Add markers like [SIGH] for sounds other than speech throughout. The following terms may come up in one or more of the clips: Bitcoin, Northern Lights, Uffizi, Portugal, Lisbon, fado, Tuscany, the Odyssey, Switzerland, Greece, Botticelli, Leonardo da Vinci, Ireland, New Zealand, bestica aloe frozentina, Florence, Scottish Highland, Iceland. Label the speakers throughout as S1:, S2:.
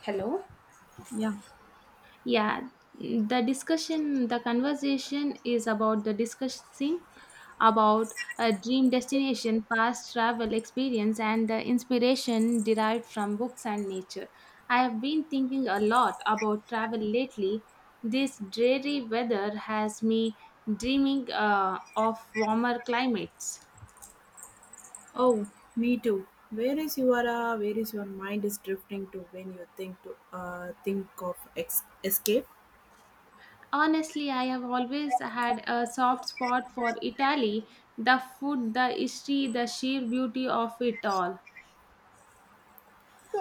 S1: Hello?
S2: Yeah.
S1: Yeah, the discussion, the conversation is about the discussing about a dream destination, past travel experience, and the inspiration derived from books and nature. I have been thinking a lot about travel lately. This dreary weather has me dreaming of warmer climates.
S2: Oh, me too. Where is your mind is drifting to when you think to think of escape?
S1: Honestly, I have always had a soft spot for Italy. The food, the history, the sheer beauty of it all.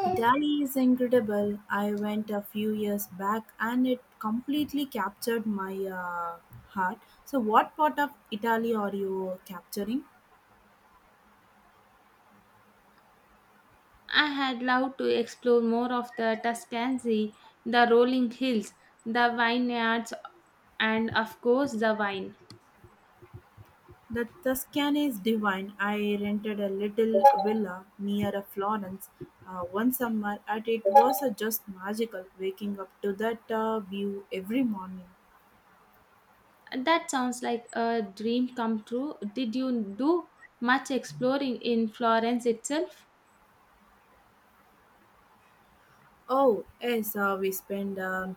S2: Italy is incredible. I went a few years back and it completely captured my heart. So, what part of Italy are you capturing?
S1: I had loved to explore more of the Tuscany, the rolling hills, the vineyards, and of course, the wine.
S2: The Tuscany is divine. I rented a little villa near a Florence one summer, and it was just magical waking up to that view every morning.
S1: That sounds like a dream come true. Did you do much exploring in Florence itself?
S2: Oh, yes, we spend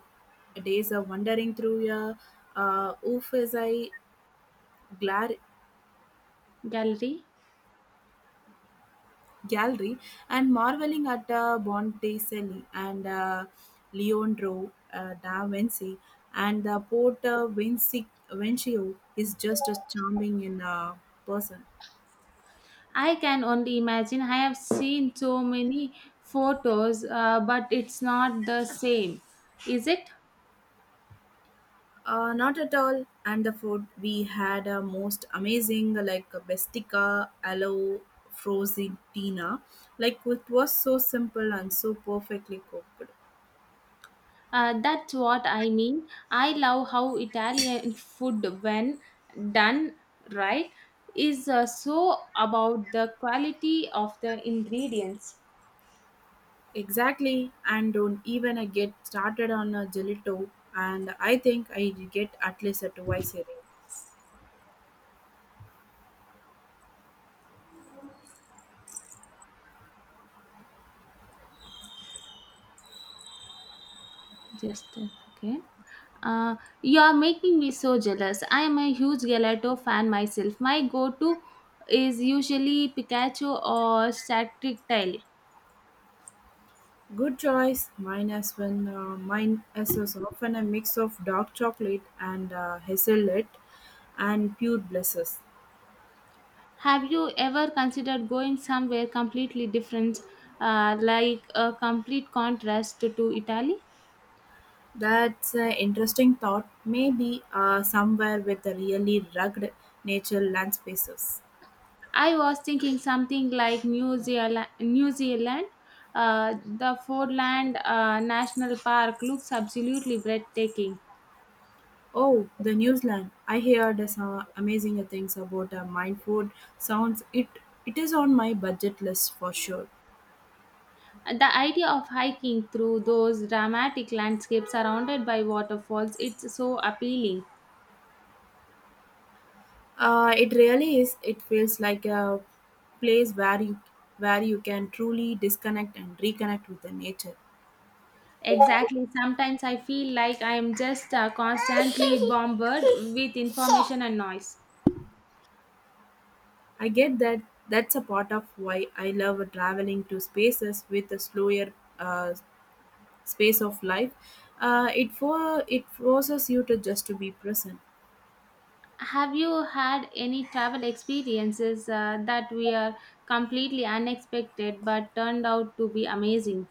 S2: days wandering through a Uffizi glar-
S1: Gallery?
S2: gallery and marveling at Botticelli and Leonardo da Vinci and the Vincio is just as charming in person.
S1: I can only imagine. I have seen so many photos, but it's not the same, is it?
S2: Not at all. And the food we had a most amazing like a bestica aloe frozentina. Like it was so simple and so perfectly cooked.
S1: That's what I mean. I love how Italian food, when done right, is so about the quality of the ingredients.
S2: Exactly. And don't even I get started on a gelato. And I think I get at least a twice a day.
S1: Just okay. You are making me so jealous. I am a huge gelato fan myself. My go-to is usually Pikachu or Satric Tail.
S2: Good choice. Mine as when mine is also often a mix of dark chocolate and hazelnut and pure blisses.
S1: Have you ever considered going somewhere completely different, like a complete contrast to Italy?
S2: That's an interesting thought. Maybe somewhere with the really rugged nature land spaces.
S1: I was thinking something like New Zealand, New Zealand. The Fordland National Park looks absolutely breathtaking.
S2: Oh, the New Zealand! I heard some amazing things about mine food. Sounds it it is on my budget list for sure.
S1: The idea of hiking through those dramatic landscapes surrounded by waterfalls, it's so appealing.
S2: It really is. It feels like a place where you can truly disconnect and reconnect with the nature.
S1: Exactly. Sometimes I feel like I am just constantly [LAUGHS] bombarded with information and noise.
S2: I get that. That's a part of why I love traveling to spaces with a slower space of life it forces you to just to be present.
S1: Have you had any travel experiences that were completely unexpected but turned out to be amazing?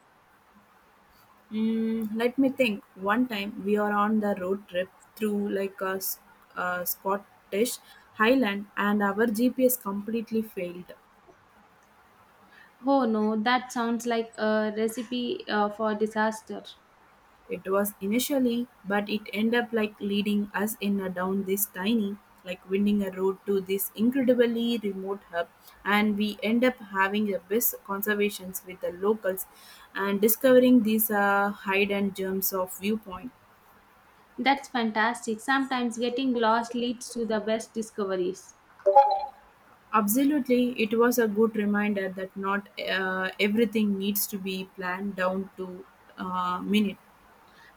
S2: Let me think one time we are on the road trip through a scottish highland and our gps completely failed.
S1: Oh no, that sounds like a recipe for disaster.
S2: It was initially, but it end up like leading us in a down this tiny, like winding a road to this incredibly remote hub, and we end up having a best conversations with the locals and discovering these hidden gems of viewpoint.
S1: That's fantastic. Sometimes getting lost leads to the best discoveries.
S2: Absolutely, it was a good reminder that not everything needs to be planned down to minute.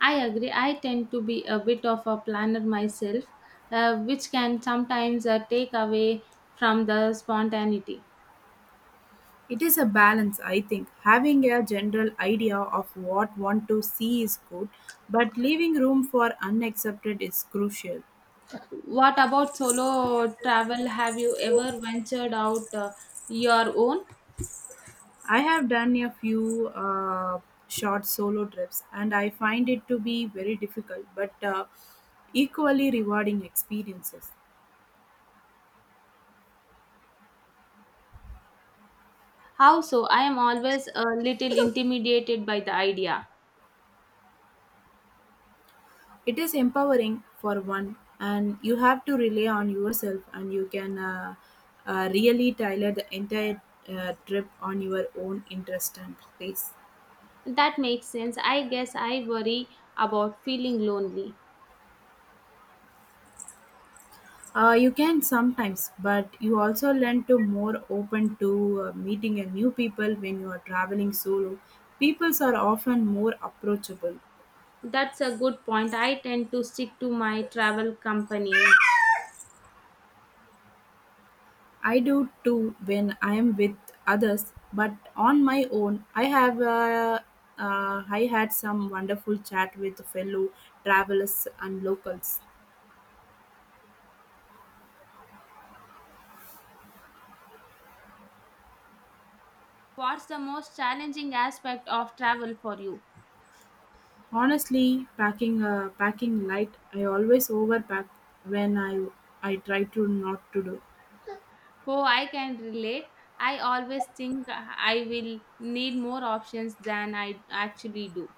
S1: I agree. I tend to be a bit of a planner myself, which can sometimes take away from the spontaneity.
S2: It is a balance, I think. Having a general idea of what one to see is good, but leaving room for unaccepted is crucial.
S1: What about solo travel? Have you ever ventured out your own?
S2: I have done a few short solo trips, and I find it to be very difficult, but equally rewarding experiences.
S1: How so? I am always a little [LAUGHS] intimidated by the idea.
S2: It is empowering for one, and you have to rely on yourself, and you can really tailor the entire trip on your own interest and pace.
S1: That makes sense. I guess I worry about feeling lonely.
S2: You can sometimes, but you also learn to more open to meeting a new people when you are traveling solo. Peoples are often more approachable.
S1: That's a good point. I tend to stick to my travel company.
S2: I do too when I am with others, but on my own, I had some wonderful chat with fellow travelers and locals.
S1: What's the most challenging aspect of travel for you?
S2: Honestly, packing light, I always overpack when I try to not to do.
S1: Oh, I can relate. I always think I will need more options than I actually do.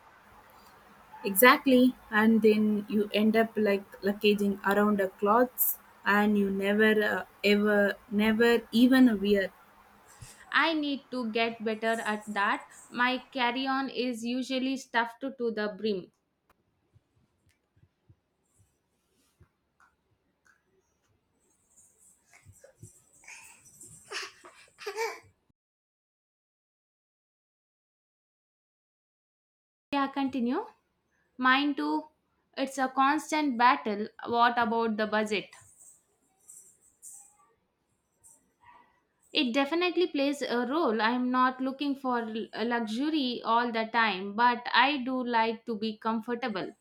S2: Exactly, and then you end up like luggaging around the clothes, and you never ever never even wear.
S1: I need to get better at that. My carry on is usually stuffed to the brim. Yeah, continue. Mine too. It's a constant battle. What about the budget? It definitely plays a role. I'm not looking for luxury all the time, but I do like to be comfortable.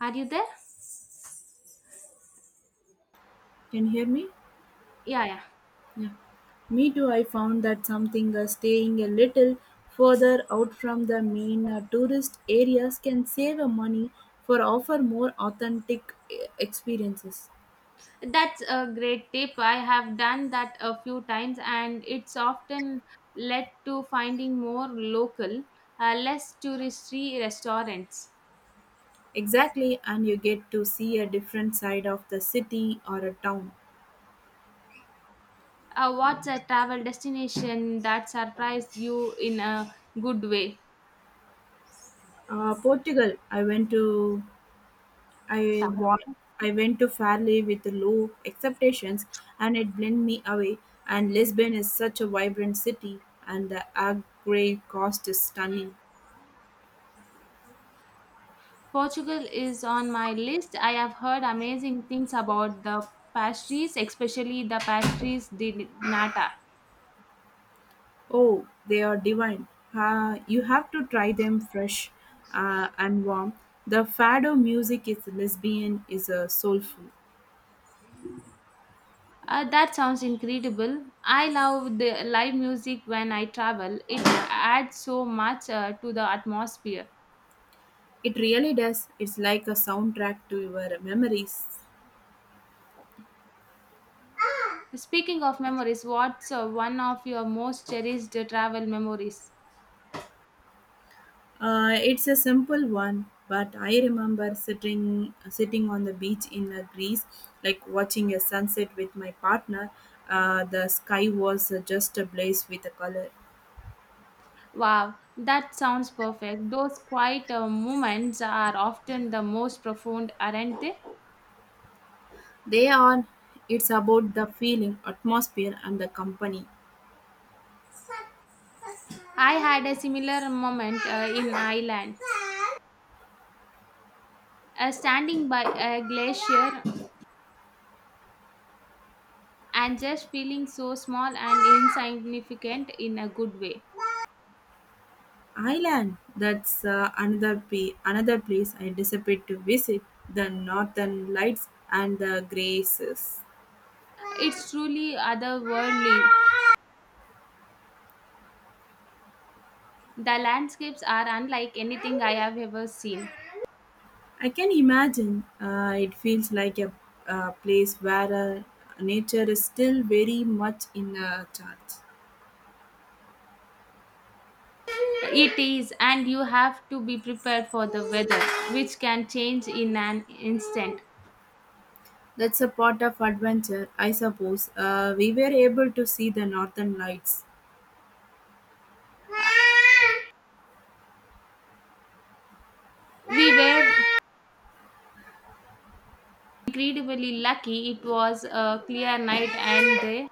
S1: Are you there?
S2: Can you hear me?
S1: Yeah, yeah.
S2: Yeah. Me too. I found that something staying a little further out from the main tourist areas can save money for offer more authentic experiences.
S1: That's a great tip. I have done that a few times, and it's often led to finding more local, less touristy restaurants.
S2: Exactly, and you get to see a different side of the city or a town.
S1: What's a travel destination that surprised you in a good way?
S2: Portugal, I
S1: Tara?
S2: wa- I went to Fairley with low expectations, and it blew me away. And Lisbon is such a vibrant city, and the agri cost is stunning.
S1: Portugal is on my list. I have heard amazing things about the pastries, especially the pastries de nata.
S2: Oh, they are divine. You have to try them fresh and warm. The fado music is lesbian, is soulful.
S1: That sounds incredible. I love the live music when I travel. It adds so much to the atmosphere.
S2: It really does. It's like a soundtrack to your memories.
S1: Speaking of memories, what's one of your most cherished travel memories?
S2: It's a simple one, but I remember sitting on the beach in Greece, like watching a sunset with my partner. The sky was just ablaze with the color.
S1: Wow, that sounds perfect. Those quiet moments are often the most profound, aren't they?
S2: They are. It's about the feeling, atmosphere, and the company.
S1: I had a similar moment in Ireland, standing by a glacier and just feeling so small and insignificant in a good way.
S2: Ireland. That's another place I disappeared to visit. The Northern Lights and the Graces.
S1: It's truly otherworldly. The landscapes are unlike anything I have ever seen.
S2: I can imagine. It feels like a place where nature is still very much in charge.
S1: It is, and you have to be prepared for the weather, which can change in an instant.
S2: That's a part of adventure, I suppose. We were able to see the northern lights.
S1: We were incredibly lucky. It was a clear night, and they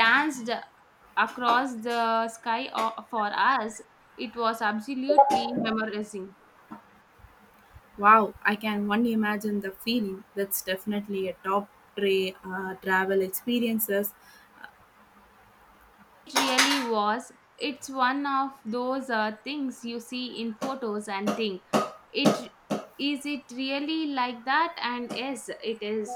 S1: danced across the sky for us. It was absolutely memorizing.
S2: Wow, I can only imagine the feeling. That's definitely a top tray travel experiences.
S1: It really was. It's one of those things you see in photos and think, it is it really like that? And yes, it is.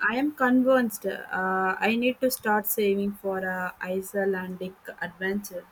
S2: I am convinced I need to start saving for a Icelandic adventure.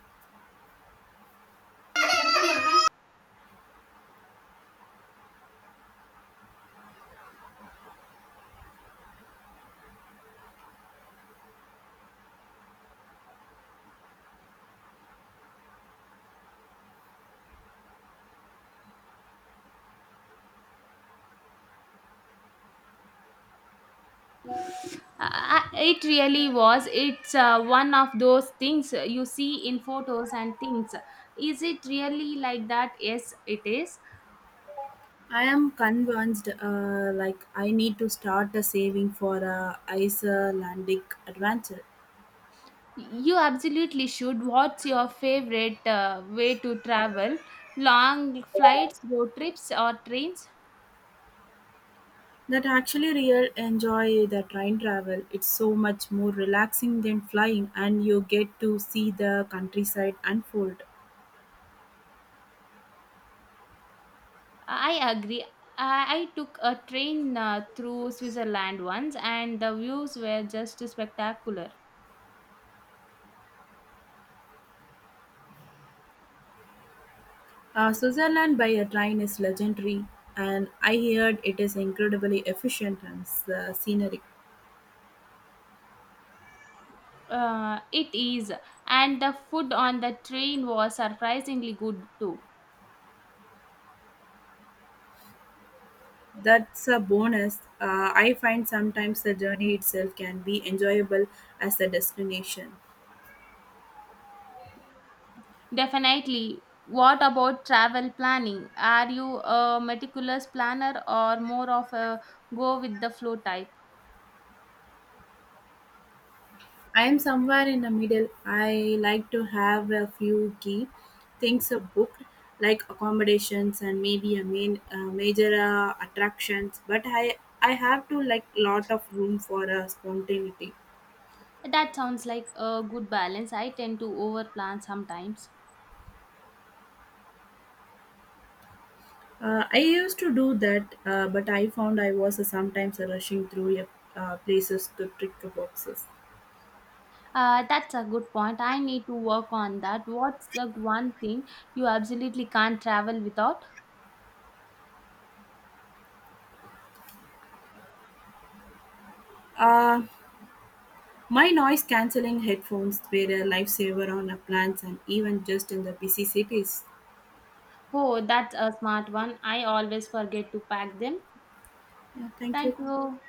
S1: It really was. It's one of those things you see in photos and things. Is it really like that? Yes, it is.
S2: I am convinced, I need to start a saving for a Icelandic adventure.
S1: You absolutely should. What's your favorite way to travel? Long flights, road trips, or trains?
S2: That actually real enjoy the train travel. It's so much more relaxing than flying, and you get to see the countryside unfold.
S1: I agree. I took a train through Switzerland once, and the views were just spectacular.
S2: Switzerland by a train is legendary, and I heard it is incredibly efficient and scenery.
S1: It is, and the food on the train was surprisingly good too.
S2: That's a bonus. I find sometimes the journey itself can be enjoyable as a destination.
S1: Definitely. What about travel planning? Are you a meticulous planner or more of a go with the flow type?
S2: I'm somewhere in the middle. I like to have a few key things booked, like accommodations and maybe a main major attractions. But I have to like lot of room for spontaneity.
S1: That sounds like a good balance. I tend to overplan sometimes.
S2: I used to do that, but I found I was sometimes rushing through places to tick the boxes.
S1: That's a good point. I need to work on that. What's the one thing you absolutely can't travel without?
S2: Uh, my noise cancelling headphones were a lifesaver on a plans and even just in the busy cities.
S1: Oh, that's a smart one. I always forget to pack them.
S2: Yeah, thank you.
S1: Thank you.